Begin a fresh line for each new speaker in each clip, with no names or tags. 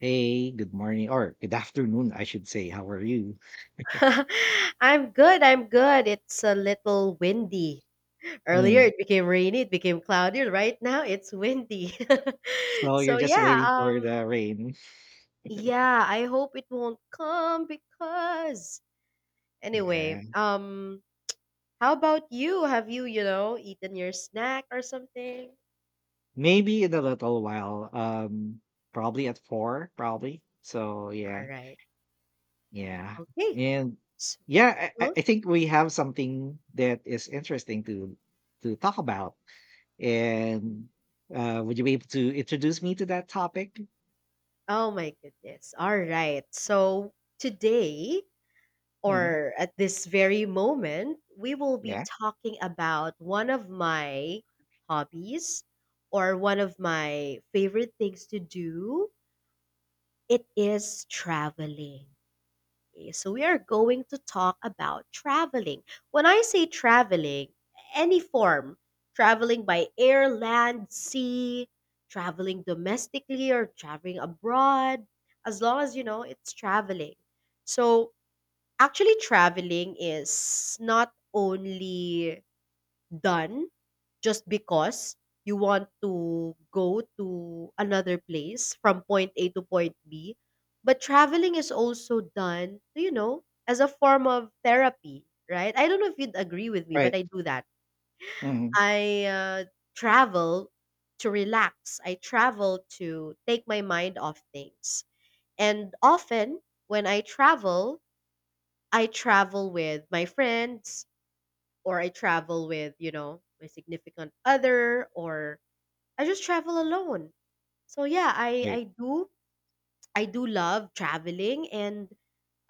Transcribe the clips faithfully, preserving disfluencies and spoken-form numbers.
Hey, good morning or good afternoon, I should say. How are you?
I'm good. I'm good. It's a little windy. Earlier
Mm.
it became rainy, it became cloudy. Right now it's windy.
So you're
so
just
yeah,
waiting for
um
the rain.
yeah, I hope it won't come because anyway,
Yeah.
um how about you? Have you, you know, eaten your snack or something?
Maybe in a little while. Um, probably at four, probably. So
All
yeah,
right.
yeah.
Okay.
And yeah, I, I
So,
I think we have something that is interesting to to talk about. And uh would you be able to introduce me to that topic?
oh my goodness. All right. So today,
Hmm
or at this very moment, we will be
Yeah.
talking about one of my hobbies, or one of my favorite things to do. It is traveling. Okay, so we are going to talk about traveling. When I say traveling, any form: traveling by air, land, sea, traveling domestically or traveling abroad, as long as you know it's traveling. So, actually, traveling is not only done just because you want to go to another place from point A to point B, but traveling is also done, you know, as a form of therapy, right? I don't know if you'd agree with me, but
Right.
I do that.
hmm
I uh, travel to relax. I travel to take my mind off things. And often when I travel, I travel with my friends, or I travel with, you know, my significant other, or I just travel alone. So yeah, I
Right.
I do I do love traveling and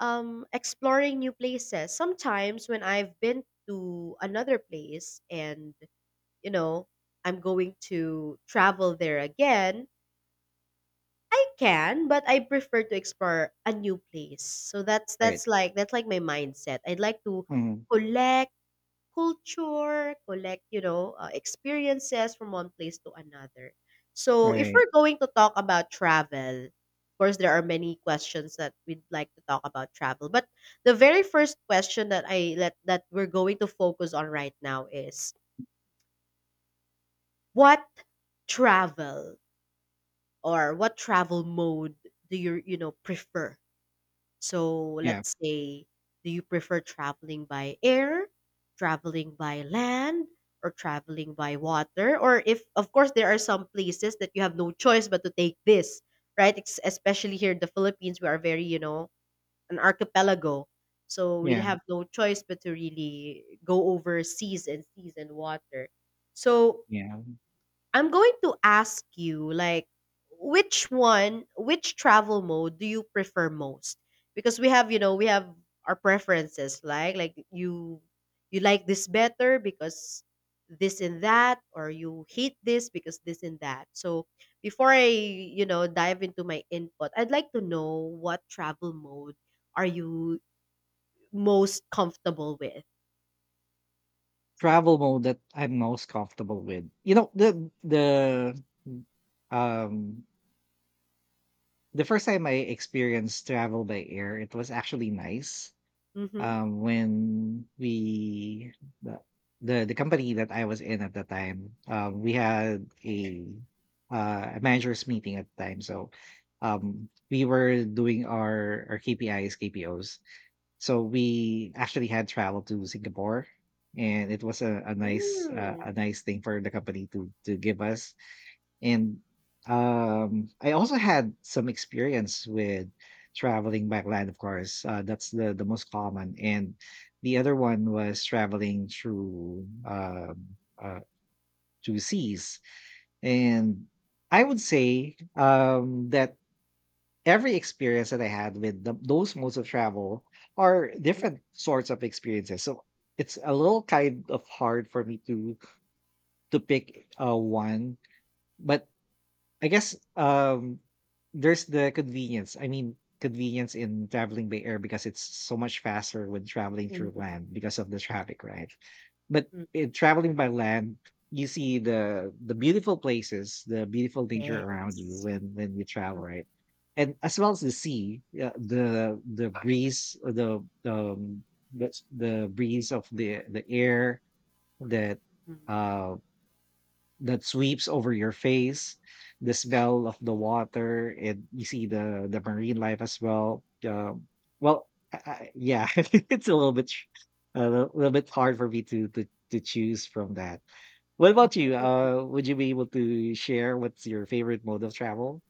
um exploring new places. Sometimes when I've been to another place and, you know, I'm going to travel there again, I can, but I prefer to explore a new place. So that's
Right.
that's like that's like my mindset. I'd like to
hmm
collect culture, collect, you know, uh, experiences from one place to another. So, if
Right.
we're going to talk about travel, of course, there are many questions that we'd like to talk about travel. But the very first question that I let that we're going to focus on right now is what travel, or what travel mode do you you know prefer? So
Yeah.
let's say, do you prefer traveling by air, traveling by land, or traveling by water? Or, if, of course, there are some places that you have no choice but to take this, right? Ex- especially here in the Philippines, we are very, you know, an archipelago. So we'd
Yeah.
have no choice but to really go overseas and seas and water. So
Yeah.
I'm going to ask you, like which one, which travel mode do you prefer most? Because we have, you know, we have our preferences, like like you you like this better because this and that, or you hate this because this and that. So before I, you know, dive into my input, I'd like to know what travel mode are you most comfortable with?
Travel mode that I'm most comfortable with. You know, the the um the first time I experienced travel by air, it was actually nice.
Mhm.
Um when we the the, the company that I was in at the time, um we had a uh a managers meeting at the time. So um we were doing our our K P Is, K P Os. So we actually had traveled to Singapore, and it was a, a nice uh,
Mm,
a nice thing for the company to to give us. And um, I also had some experience with traveling by land, of course. Uh, that's the the most common. And the other one was traveling through um, uh, through seas. And I would say um, that every experience that I had with the, those modes of travel are
mhm,
different sorts of experiences. So it's a little kind of hard for me to to pick uh, one, but I guess um, there's the convenience. I mean, convenience in traveling by air because it's so much faster when traveling
mhm,
through land because of the traffic, right? But
mhm.
in traveling by land, you see the the beautiful places, the beautiful nature around you
Yes.
when when you travel, right? And as well as the sea, uh, the the breeze, uh, the um, the, the breeze of the the air that um that sweeps over your face, the smell of the water, and you see the the marine life as well. Um, well, I, I, yeah, it's a little bit tr- a little little bit hard for me to to to choose from that. What
Oh,
about you? Uh, would you be able to share what's your favorite mode of travel?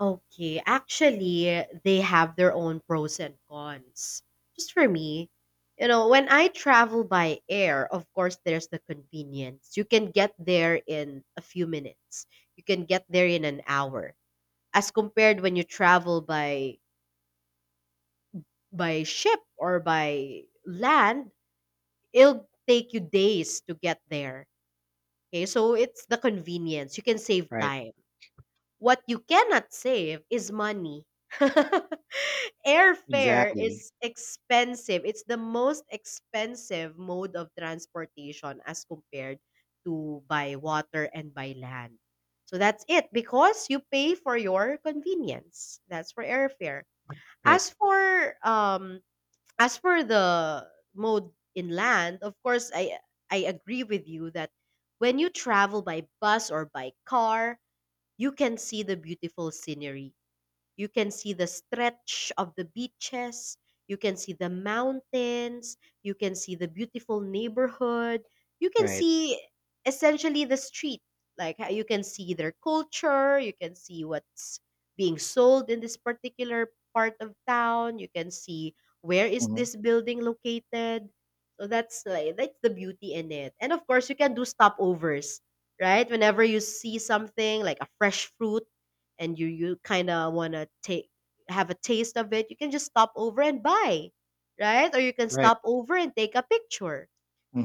okay. Actually, they have their own pros and cons. Just for me, you know, when I travel by air, of course, there's the convenience. You can get there in a few minutes. You can get there in an hour. As compared when you travel by by ship or by land, it'll take you days to get there. Okay, so it's the convenience. You can save
Right.
time. What you cannot save is money. Airfare
Exactly.
is expensive. It's the most expensive mode of transportation as compared to by water and by land. So that's it, because you pay for your convenience. That's for airfare.
Right.
As for um as for the mode in land, of course I I agree with you that when you travel by bus or by car, you can see the beautiful scenery, you can see the stretch of the beaches, you can see the mountains, you can see the beautiful neighborhood, you can
Right.
see essentially the street. Like how you can see their culture, you can see what's being sold in this particular part of town, you can see where is
hmm
this building located. So that's like that's the beauty in it. And of course, you can do stopovers, right? Whenever you see something like a fresh fruit and you you kind of want to take have a taste of it, you can just stop over and buy, right? Or you can
Right.
stop over and take a picture.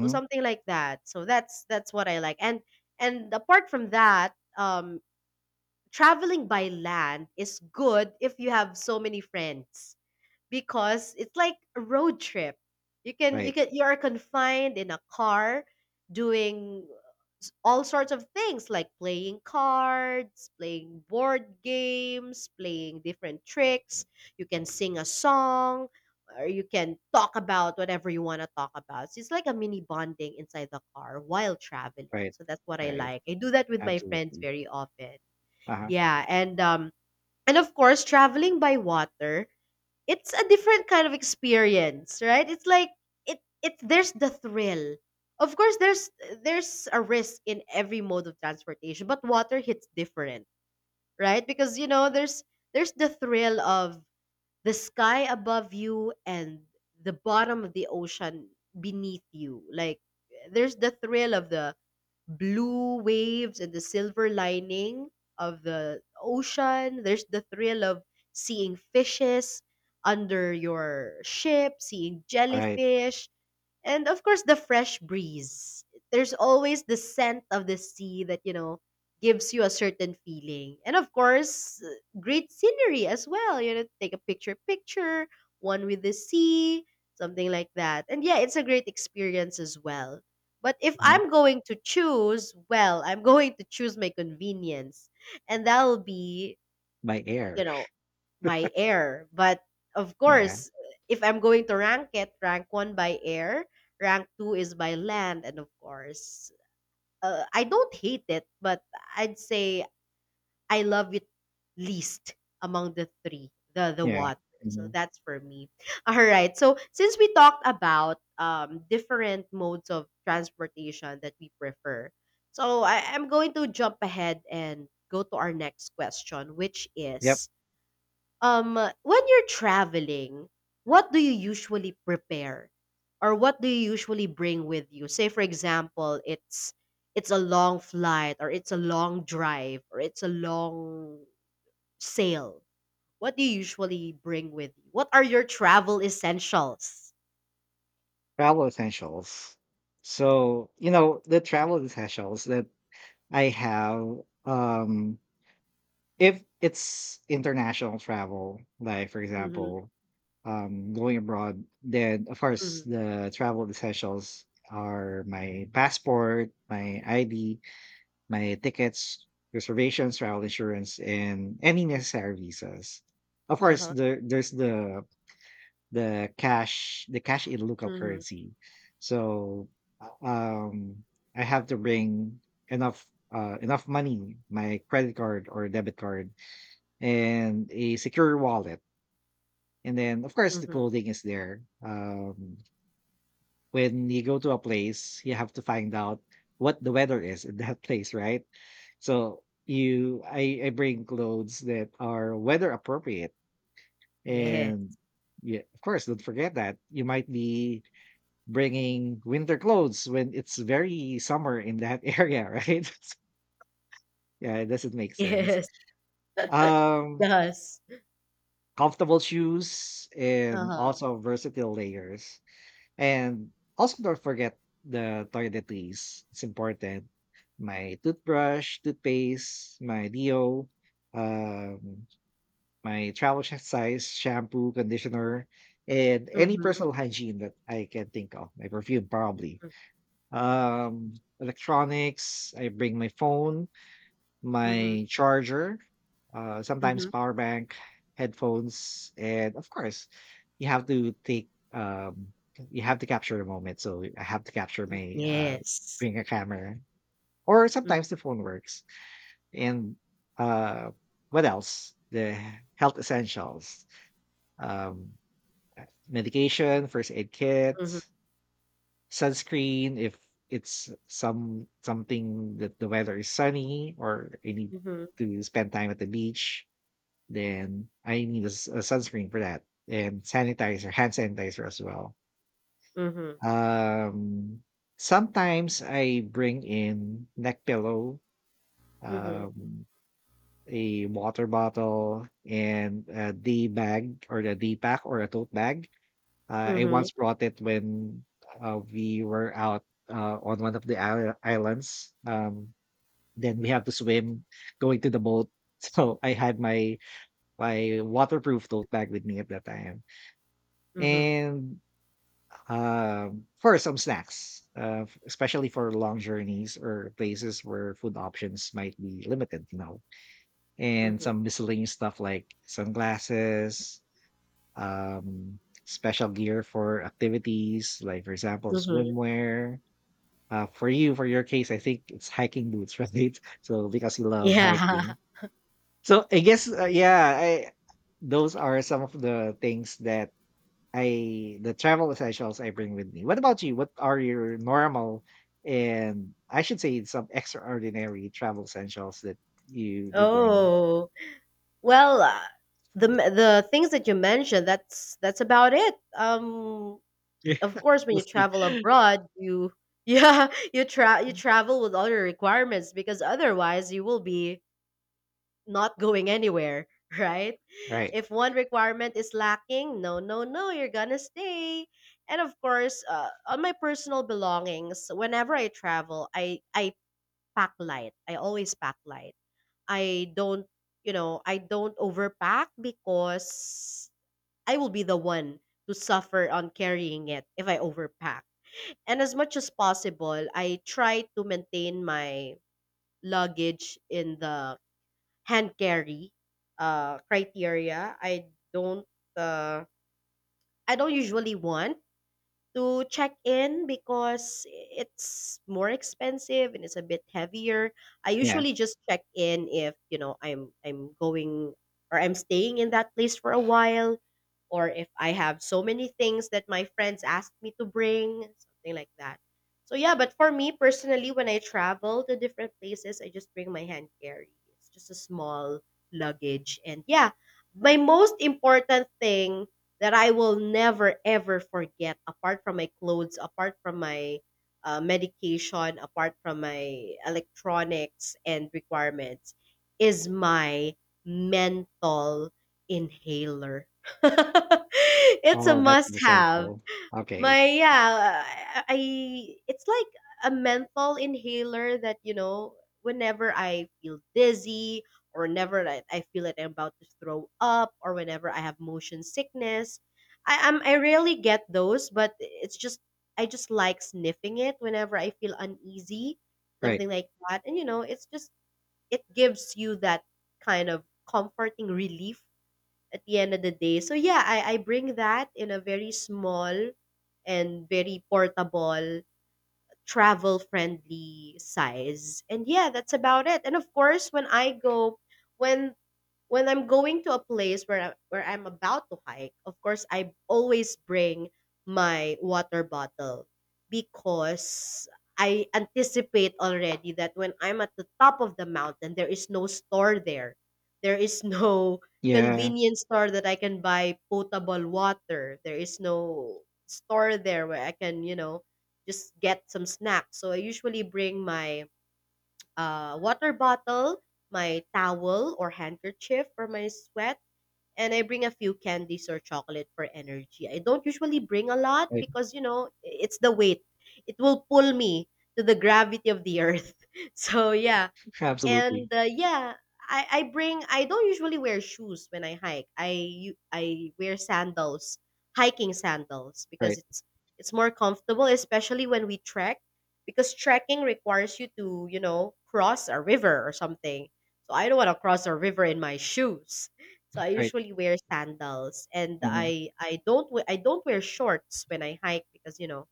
So something like that. So that's that's what I like. And and apart from that, um traveling by land is good if you have so many friends because it's like a road trip. You can you
Right.
can you are confined in a car doing s- all sorts of things like playing cards, playing board games, playing different tricks. You can sing a song, or you can talk about whatever you want to talk about. So it's like a mini bonding inside the car while traveling.
Right.
So that's what I
Right.
like. I do that with my friends
Absolutely.
very often.
Uh huh.
Yeah, and um and of course traveling by water, it's a different kind of experience, right? It's like it it there's the thrill. Of course there's there's a risk in every mode of transportation, but water hits different, right? Because you know there's there's the thrill of the sky above you and the bottom of the ocean beneath you. Like there's the thrill of the blue waves and the silver lining of the ocean. There's the thrill of seeing fishes under your ship, seeing
Right.
jellyfish, and of course, the fresh breeze. There's always the scent of the sea that, you know, gives you a certain feeling. And of course, uh, great scenery as well. You know, take a picture, picture, one with the sea, something like that. And yeah, it's a great experience as well. But if
Mhm.
I'm going to choose, well, I'm going to choose my convenience. And that'll be
By
you
air.
know by air, but of
Yeah.
course, if I'm going to rank it, rank one by air, rank two is by land, and of course, uh, I don't hate it, but I'd say I love it least among the three, the the
Yeah.
water. So
hmm
that's for me. All right, so since we talked about um different modes of transportation that we prefer, so I, I'm going to jump ahead and go to our next question, which
Yep.
is um, when you're traveling, what do you usually prepare, or what do you usually bring with you? Say, for example, it's it's a long flight, or it's a long drive, or it's a long sail. What do you usually bring with you? What are your travel essentials?
Travel essentials. So, you know, the travel essentials that I have, um, if it's international travel, like for
Mm-hmm,
example, um, going abroad, then of
mm-hmm,
course the travel essentials are my passport, my I D, my tickets, reservations, travel insurance, and any necessary visas. Of course,
uh-huh,
there, there's the the cash the cash in local
mm-hmm,
currency, so uh, um I have to bring enough uh enough money, my credit card or debit card, and a secure wallet. And then of course the
mm-hmm.
clothing is there. Um when you go to a place you have to find out what the weather is in that place, right? So you I I bring clothes that are weather appropriate.
Yes,
And yeah, of course don't forget that you might be bringing winter clothes when it's very summer in that area, right? Yeah, it doesn't make sense.
yes, it
Um,
does.
Comfortable shoes and
Uh-huh.
also versatile layers. And also don't forget the toiletries. It's important. My toothbrush, toothpaste, my deo, um, my travel sh- size shampoo, conditioner, and any
Mm-hmm.
personal hygiene that I can think of. My perfume, probably, um, electronics. I bring my phone,
Mm-hmm.
my charger, uh, sometimes
Mm-hmm.
power bank, headphones, and of course, you have to take. Um, you have to capture the moment, so I have to capture my uh,
Yes.
bring a camera, or sometimes the phone works. And uh, what else? The health essentials, um, medication, first aid kits. Sunscreen if it's some something that the weather is sunny, or I need
Mm-hmm.
to spend time at the beach, then I need a, s- a sunscreen for that, and sanitizer, hand sanitizer as well.
Mhm.
Um, Sometimes I bring in neck pillow,
Mhm.
um, a water bottle, and a D bag or the D pack or a tote bag. uh, I
Mhm.
once brought it when uh, we were out uh, on one of the isle- islands. Um, then we had to swim going to the boat. So I had my my waterproof tote bag with me at that time,
Mhm.
and um, for some snacks, uh, f- especially for long journeys or places where food options might be limited, you know, and
Mhm.
some miscellaneous stuff like sunglasses, um, special gear for activities, like for example,
Mhm.
swimwear. Uh, for you, for your case, I think it's hiking boots, right? So because you love
Yeah.
hiking. So I guess uh, yeah, I those are some of the things that I the travel essentials I bring with me. What about you? What are your normal, and I should say some extraordinary, travel essentials that you you bring?
Oh. Well, uh, the m- the things that you mentioned, that's that's about it. Um
Yeah,
of course when you
mostly.
travel abroad, you yeah, you tra- you travel with all your requirements, because otherwise you will be not going anywhere, right?
Right.
If one requirement is lacking, no, no, no, you're gonna stay. And of course, uh, on my personal belongings, whenever I travel, I I pack-light. I always pack-light. I don't, you know, I don't overpack because I will be the one to suffer on carrying it if I overpack. And as much as possible, I try to maintain my luggage in the hand carry uh criteria. I don't uh I don't usually want to check in because it's more expensive and it's a bit heavier. I
Yeah.
usually just check in if, you know, I'm I'm going or I'm staying in that place for a while, or if I have so many things that my friends asked me to bring, something like that. So yeah, but for me personally, when I travel to different places, I just bring my hand carry. It's just a small luggage, and yeah, my most important thing that I will never ever forget, apart from my clothes, apart from my uh, medication, apart from my electronics and requirements, is my mental inhaler. It's a
Oh, that's an
must have.
essential. Okay.
My yeah, I I it's like a menthol inhaler that, you know, whenever I feel dizzy, or whenever I, I feel that I'm about to throw up, or whenever I have motion sickness, I am I rarely get those, but it's just I just like sniffing it whenever I feel uneasy,
Right.
something like that. And you know, it's just it gives you that kind of comforting relief at the end of the day. So yeah, I I bring that in a very small and very portable, travel friendly size. And yeah, that's about it. And of course, when I go, when when I'm going to a place where I, where I'm about to hike, of course, I always bring my water bottle, because I anticipate already that when I'm at the top of the mountain, there is no store there. There is no
Yeah,
convenience store that I can buy potable water. There is no store there where I can, you know, just get some snacks. So I usually bring my uh, water bottle, my towel or handkerchief for my sweat, and I bring a few candies or chocolate for energy. I don't usually bring a lot
right.
because, you know, it's the weight. It will pull me to the gravity of the earth. So, yeah,
Absolutely.
and uh, yeah I, I bring i don't usually wear shoes when I hike i u- i wear sandals, hiking sandals, because
Right,
it's it's more comfortable, especially when we trek, because trekking requires you to, you know, cross a river or something. So I don't want to cross a river in my shoes, so I
right.
usually wear sandals. And
Mhm.
i i don't we- i don't wear shorts when I hike because, you know,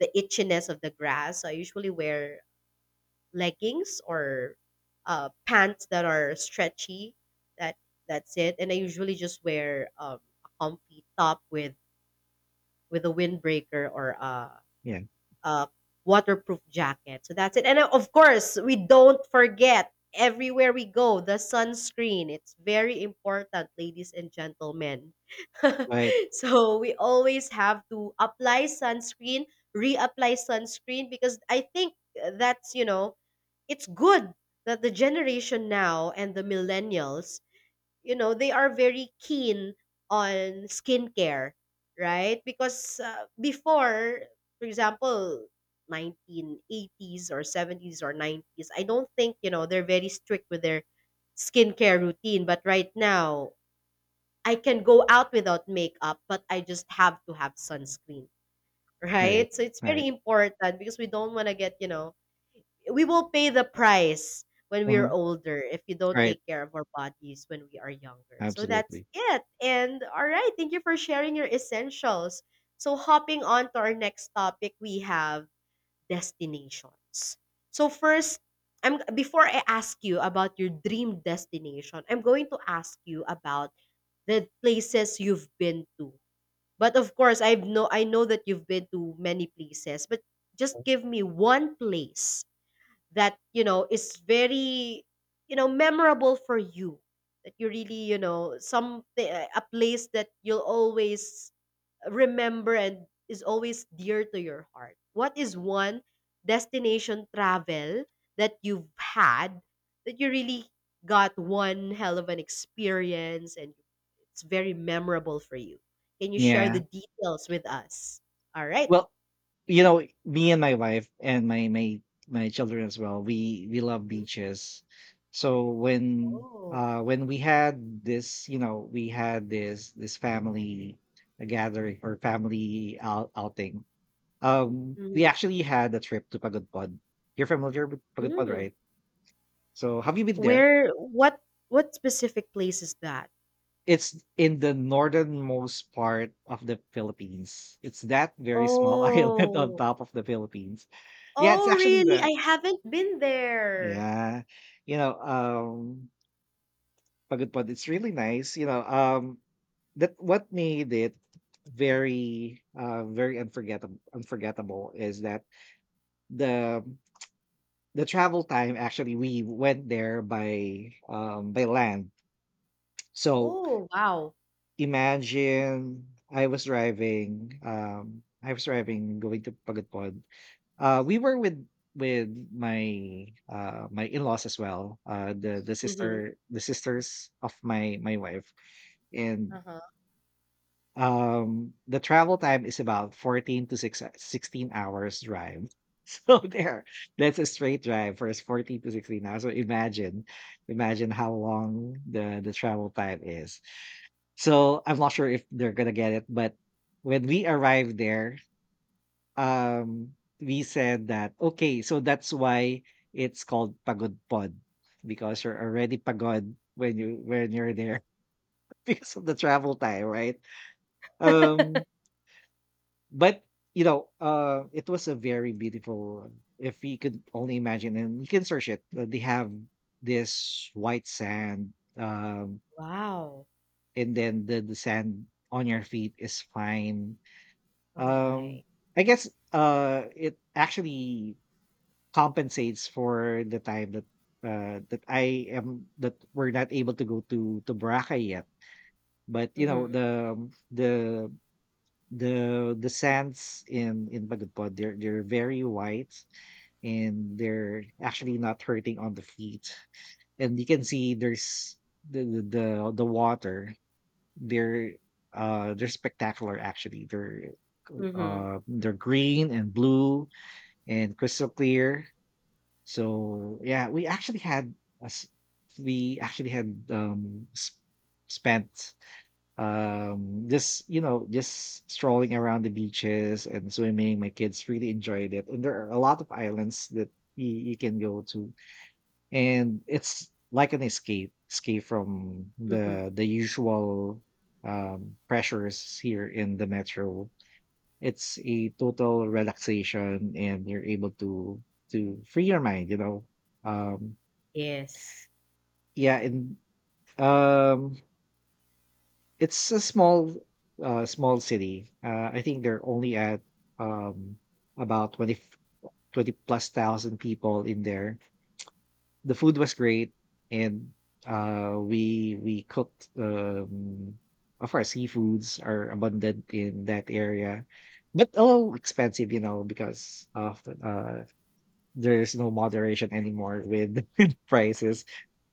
the itchiness of the grass. So I usually wear leggings or uh, pants that are stretchy. That that's it. And I usually just wear um, a comfy top with with a windbreaker or a
Yeah.
uh, waterproof jacket. So that's it. And uh, of course, we don't forget everywhere we go the sunscreen. It's very important, ladies and gentlemen.
Right,
So we always have to apply sunscreen, reapply sunscreen, because I think that's, you know, it's good that the generation now and the millennials, you know, they are very keen on skincare, right? Because uh, before, for example, nineteen eighties or seventies or nineties, I don't think, you know, they're very strict with their skincare routine. But right now I can go out without makeup, but I just have to have sunscreen.
right,
Right? So it's
right.
very important, because we don't want to get you know We will pay the price when we are
Mhm.
older if you don't
Right.
take care of our bodies when we are younger. So that's
Absolutely.
it. And all right, thank you for sharing your essentials. So hopping on to our next topic, we have destinations. So first, I'm before I ask you about your dream destination, I'm going to ask you about the places you've been to. But of course, I know I know that you've been to many places, but just give me one place that, you know, is very, you know, memorable for you, that you really, you know, some eh, a place that you'll always remember and is always dear to your heart. What is one destination travel that you've had that you really got one hell of an experience and it's very memorable for you? Can you share the
Yeah.
details with us? All right.
Well, you know, me and my wife and my my my children as well, we we love
Mhm.
beaches. So when
Oh.
uh when we had this, you know, we had this this family uh, gathering or family out, outing. Um, we
Mhm.
actually had a trip to Pagudpod. You're familiar with Pagudpod,
Mm.
right? So have you been there?
Where, what what specific place is that?
It's in the northernmost part of the Philippines. It's that very small island on
Oh.
top of the Philippines. Yeah, it's
Oh,
actually
really?
the
I haven't been there.
yeah, you know, um Pagod Pod, it's really nice, you know, um that what made it very uh very unforgettable unforgettable is that the the travel time, actually, we went there by um by land. So
Oh, wow.
imagine, I was driving, um, I was driving going to Pagudpod. Uh, we were with with my uh my in-laws as well, uh the the
Mhm.
sister the sisters of my my wife. And
Uh-huh.
um the travel time is about fourteen to six sixteen hours drive. So there, that's a straight drive for us, fourteen to sixteen hours. So imagine, imagine how long the the travel time is. So I'm not sure if they're gonna get it, but when we arrived there, um, we said that, okay, so that's why it's called Pagod Pod, because you're already pagod when you when you're there because of the travel time, right? Um, but you know, uh, it was a very beautiful. If we could only imagine, and you can search it, uh, they have this white sand, um,
Wow.
and then the the sand on your feet is fine.
Oh my.
Um, I guess, uh, it actually compensates for the time that, uh, that I am that we're not able to go to to Boracay yet. But, you know,
Mhm.
the the the the sands in in Bagudpod, they're they're very white, and they're actually not hurting on the feet. And you can see there's the the the the water. they're uh, they're spectacular, actually. They're
Mhm.
uh, they're green and blue and crystal clear. So yeah, we actually had a s- we actually had um, s- spent um just, you know, just strolling around the beaches and swimming. My kids really enjoyed it, and there are a lot of islands that you, you can go to, and it's like an escape escape from
Mhm.
the the usual um pressures here in the metro. It's a total relaxation, and you're able to to free your mind, you know. Um
Yes.
yeah and um it's a small uh small city. uh I think they're only at, um about twenty twenty plus thousand people in there. The food was great, and, uh, we we cooked, um of course, seafoods are abundant in that area, but a little expensive, you know, because of the, uh, there's no moderation anymore with with prices.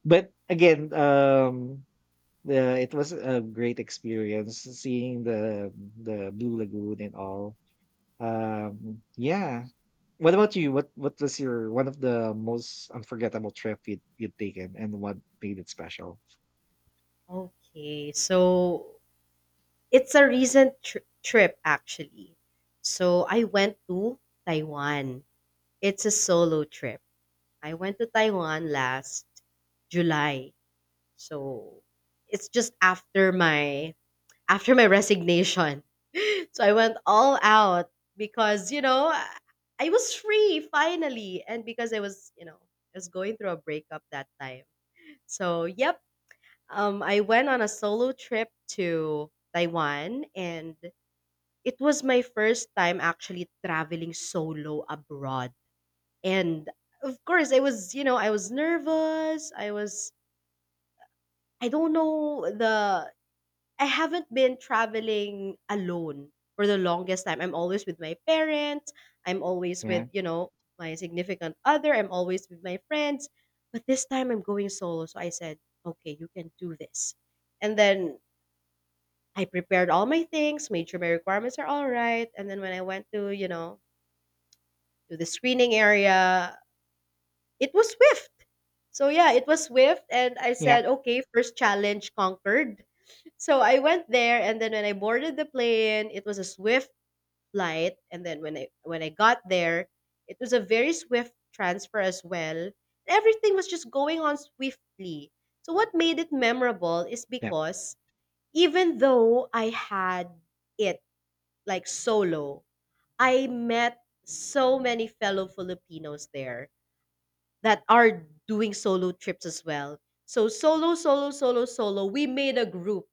But again, um, the it was a great experience seeing the the Blue Lagoon and all. Um, yeah. What about you? What what was your one of the most unforgettable trip you'd you'd taken, and what made it special?
Okay. So it's a recent tr- trip actually. So I went to Taiwan. It's a solo trip. I went to Taiwan last July. So it's just after my after my resignation. So I went all out because, you know, I I was free finally, and because I was, you know, I was going through a breakup that time. So, yep, um I went on a solo trip to Taiwan, and it was my first time actually traveling solo abroad. And of course, I was, you know, I was nervous. I was, I don't know the, I haven't been traveling alone for the longest time. I'm always with my parents. I'm always
Yeah.
with, you know, my significant other. I'm always with my friends. But this time I'm going solo. So I said, okay, you can do this. And then I prepared all my things, made sure my requirements are all right. And then when I went to, you know, to the screening area, it was swift. So yeah, it was swift. And I
Yeah.
said, okay, first challenge conquered. So I went there, and then when I boarded the plane, it was a swift flight, and then when I, when I got there, it was a very swift transfer as well. Everything was just going on swiftly. So what made it memorable is
Yeah.
because even though I had it like solo, I met so many fellow Filipinos there that are doing solo trips as well. So solo, solo, solo, solo, we made a group.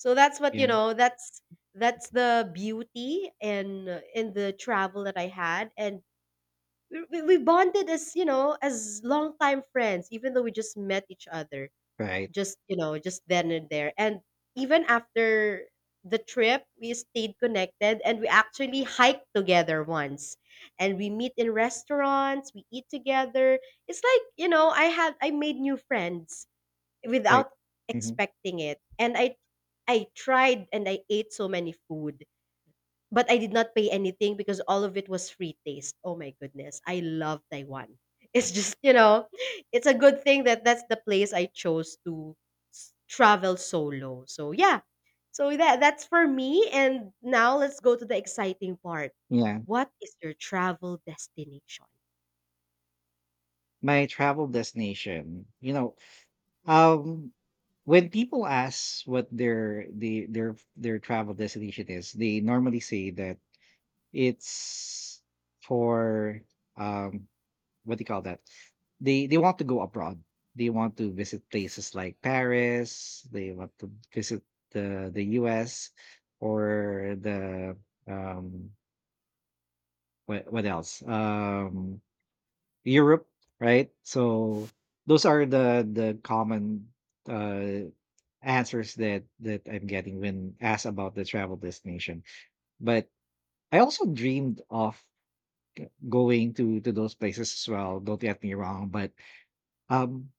So that's what,
Yeah.
you know, that's that's the beauty in uh, in the travel that I had. And we, we we bonded as, you know, as longtime friends, even though we just met each other
Right.
just, you know, just then and there. And even after the trip, we stayed connected, and we actually hiked together once. And we meet in restaurants, we eat together. It's like, you know, I had I made new friends
Right.
without
hmm
expecting it, and I I tried, and I ate so many food, but I did not pay anything because all of it was free taste. Oh my goodness, I love Taiwan. It's just, you know, it's a good thing that that's the place I chose to s- travel solo. So, yeah. So that that's for me, and now let's go to the exciting part.
Yeah.
What is your travel destination?
My travel destination. You know, um when people ask what their the their their travel destination is, they normally say that it's for um what do you call that? They they want to go abroad. They want to visit places like Paris. They want to visit the the U S or the, um what what else? Um, Europe, right? So those are the the common uh answers that that I'm getting when asked about the travel destination. But I also dreamed of going to to those places as well. Don't get me wrong, but um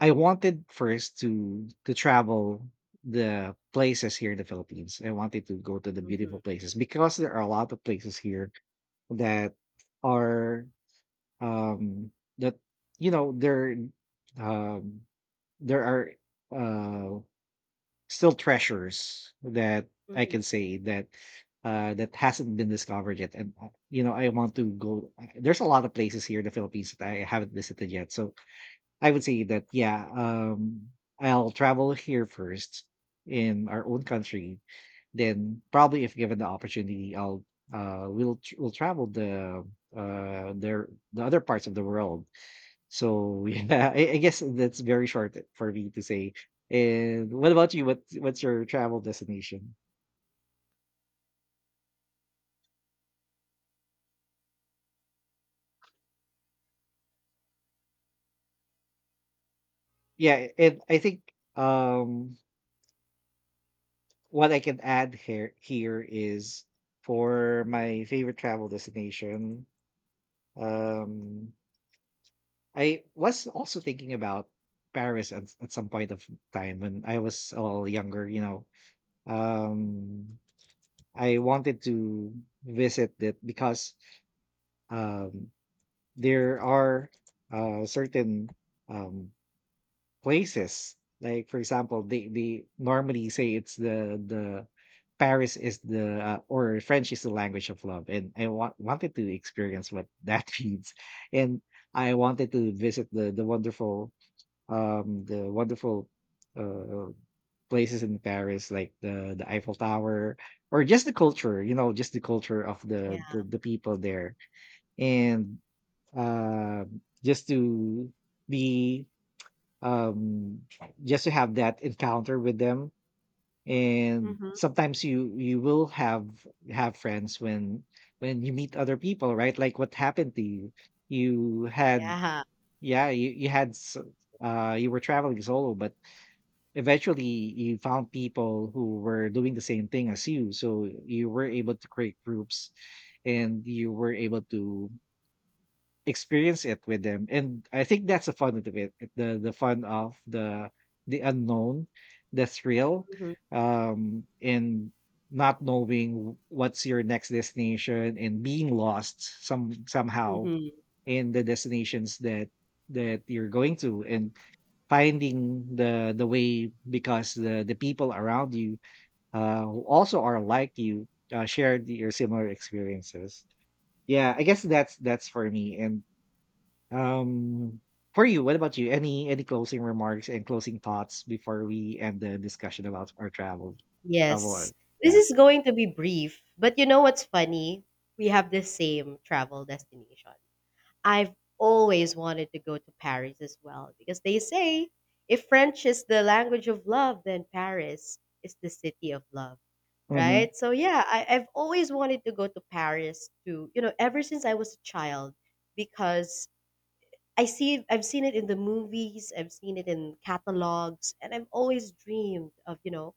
I wanted first to to travel the places here in the Philippines. I wanted to go to the
Mm-hmm.
beautiful places, because there are a lot of places here that are, um that you know there um there are uh still treasures that I can
Mm-hmm.
say that uh that hasn't been discovered yet. And uh, you know, I want to go, there's a lot of places here in the Philippines that I haven't visited yet, so I would say that, yeah, um, I'll travel here first in our own country. Then probably, if given the opportunity, I'll uh, we'll tr- we'll travel the uh there the other parts of the world. So yeah, I, I guess that's very short for me to say. And what about you? What what's your travel destination? Yeah, and I think, um what I can add here here is for my favorite travel destination. Um, I was also thinking about Paris at, at some point of time when I was a little younger, you know. Um, I wanted to visit it because, um, there are, uh, certain, um, places, like for example, they, they normally say it's the the Paris is the uh, or French is the language of love, and I wa- wanted to experience what that means, and I wanted to visit the the wonderful, um, the wonderful uh, places in Paris, like the the Eiffel Tower, or just the culture, you know, just the culture of
Yeah.
the the, the people there, and uh, just to be, um, just to have that encounter with them. And
Mm-hmm.
sometimes you you will have have friends when when you meet other people, right? Like what happened to you. You had,
Yeah.
yeah, you, you had s- uh you were traveling solo, but eventually you found people who were doing the same thing as you, so you were able to create groups, and you were able to experience it with them. And I think that's the fun of it, the the fun of the the unknown, the thrill, um and not knowing what's your next destination, and being lost some somehow
Mm-hmm.
in the destinations that that you're going to, and finding the the way, because the the people around you, uh who also are like you, uh shared your similar experiences. Yeah, I guess that's that's for me. And um for you, what about you, any any closing remarks and closing thoughts before we end the discussion about our travel travel?
Yes. This
Yeah.
is going to be brief, but you know what's funny? We have the same travel destination. I've always wanted to go to Paris as well, because they say if French is the language of love, then Paris is the city of love,
hmm
right? So yeah, I, I've always wanted to go to Paris to, you know, ever since I was a child, because I see I've seen it in the movies, I've seen it in catalogs, and I've always dreamed of, you know,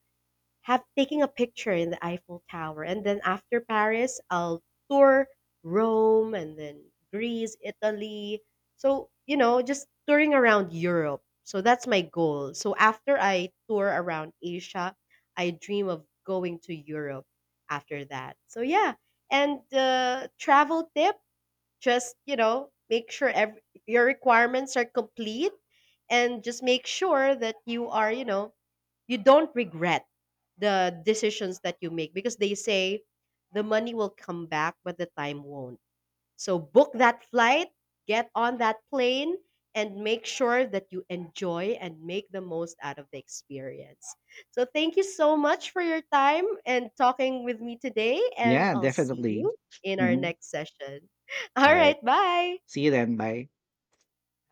have taking a picture in the Eiffel Tower. And then after Paris, I'll tour Rome and then Greece, Italy. So, you know, just touring around Europe. So that's my goal. So after I tour around Asia, I dream of going to Europe after that. So yeah. And uh, travel tip, just, you know, make sure every, your requirements are complete, and just make sure that you are, you know, you don't regret the decisions that you make, because they say the money will come back but the time won't. So book that flight, get on that plane, and make sure that you enjoy and make the most out of the experience. So thank you so much for your time and talking with me today, and
Yeah,
I'll see
definitely.
you in our
Mhm.
next session.
All
All
right.
right, bye.
See you then. Bye.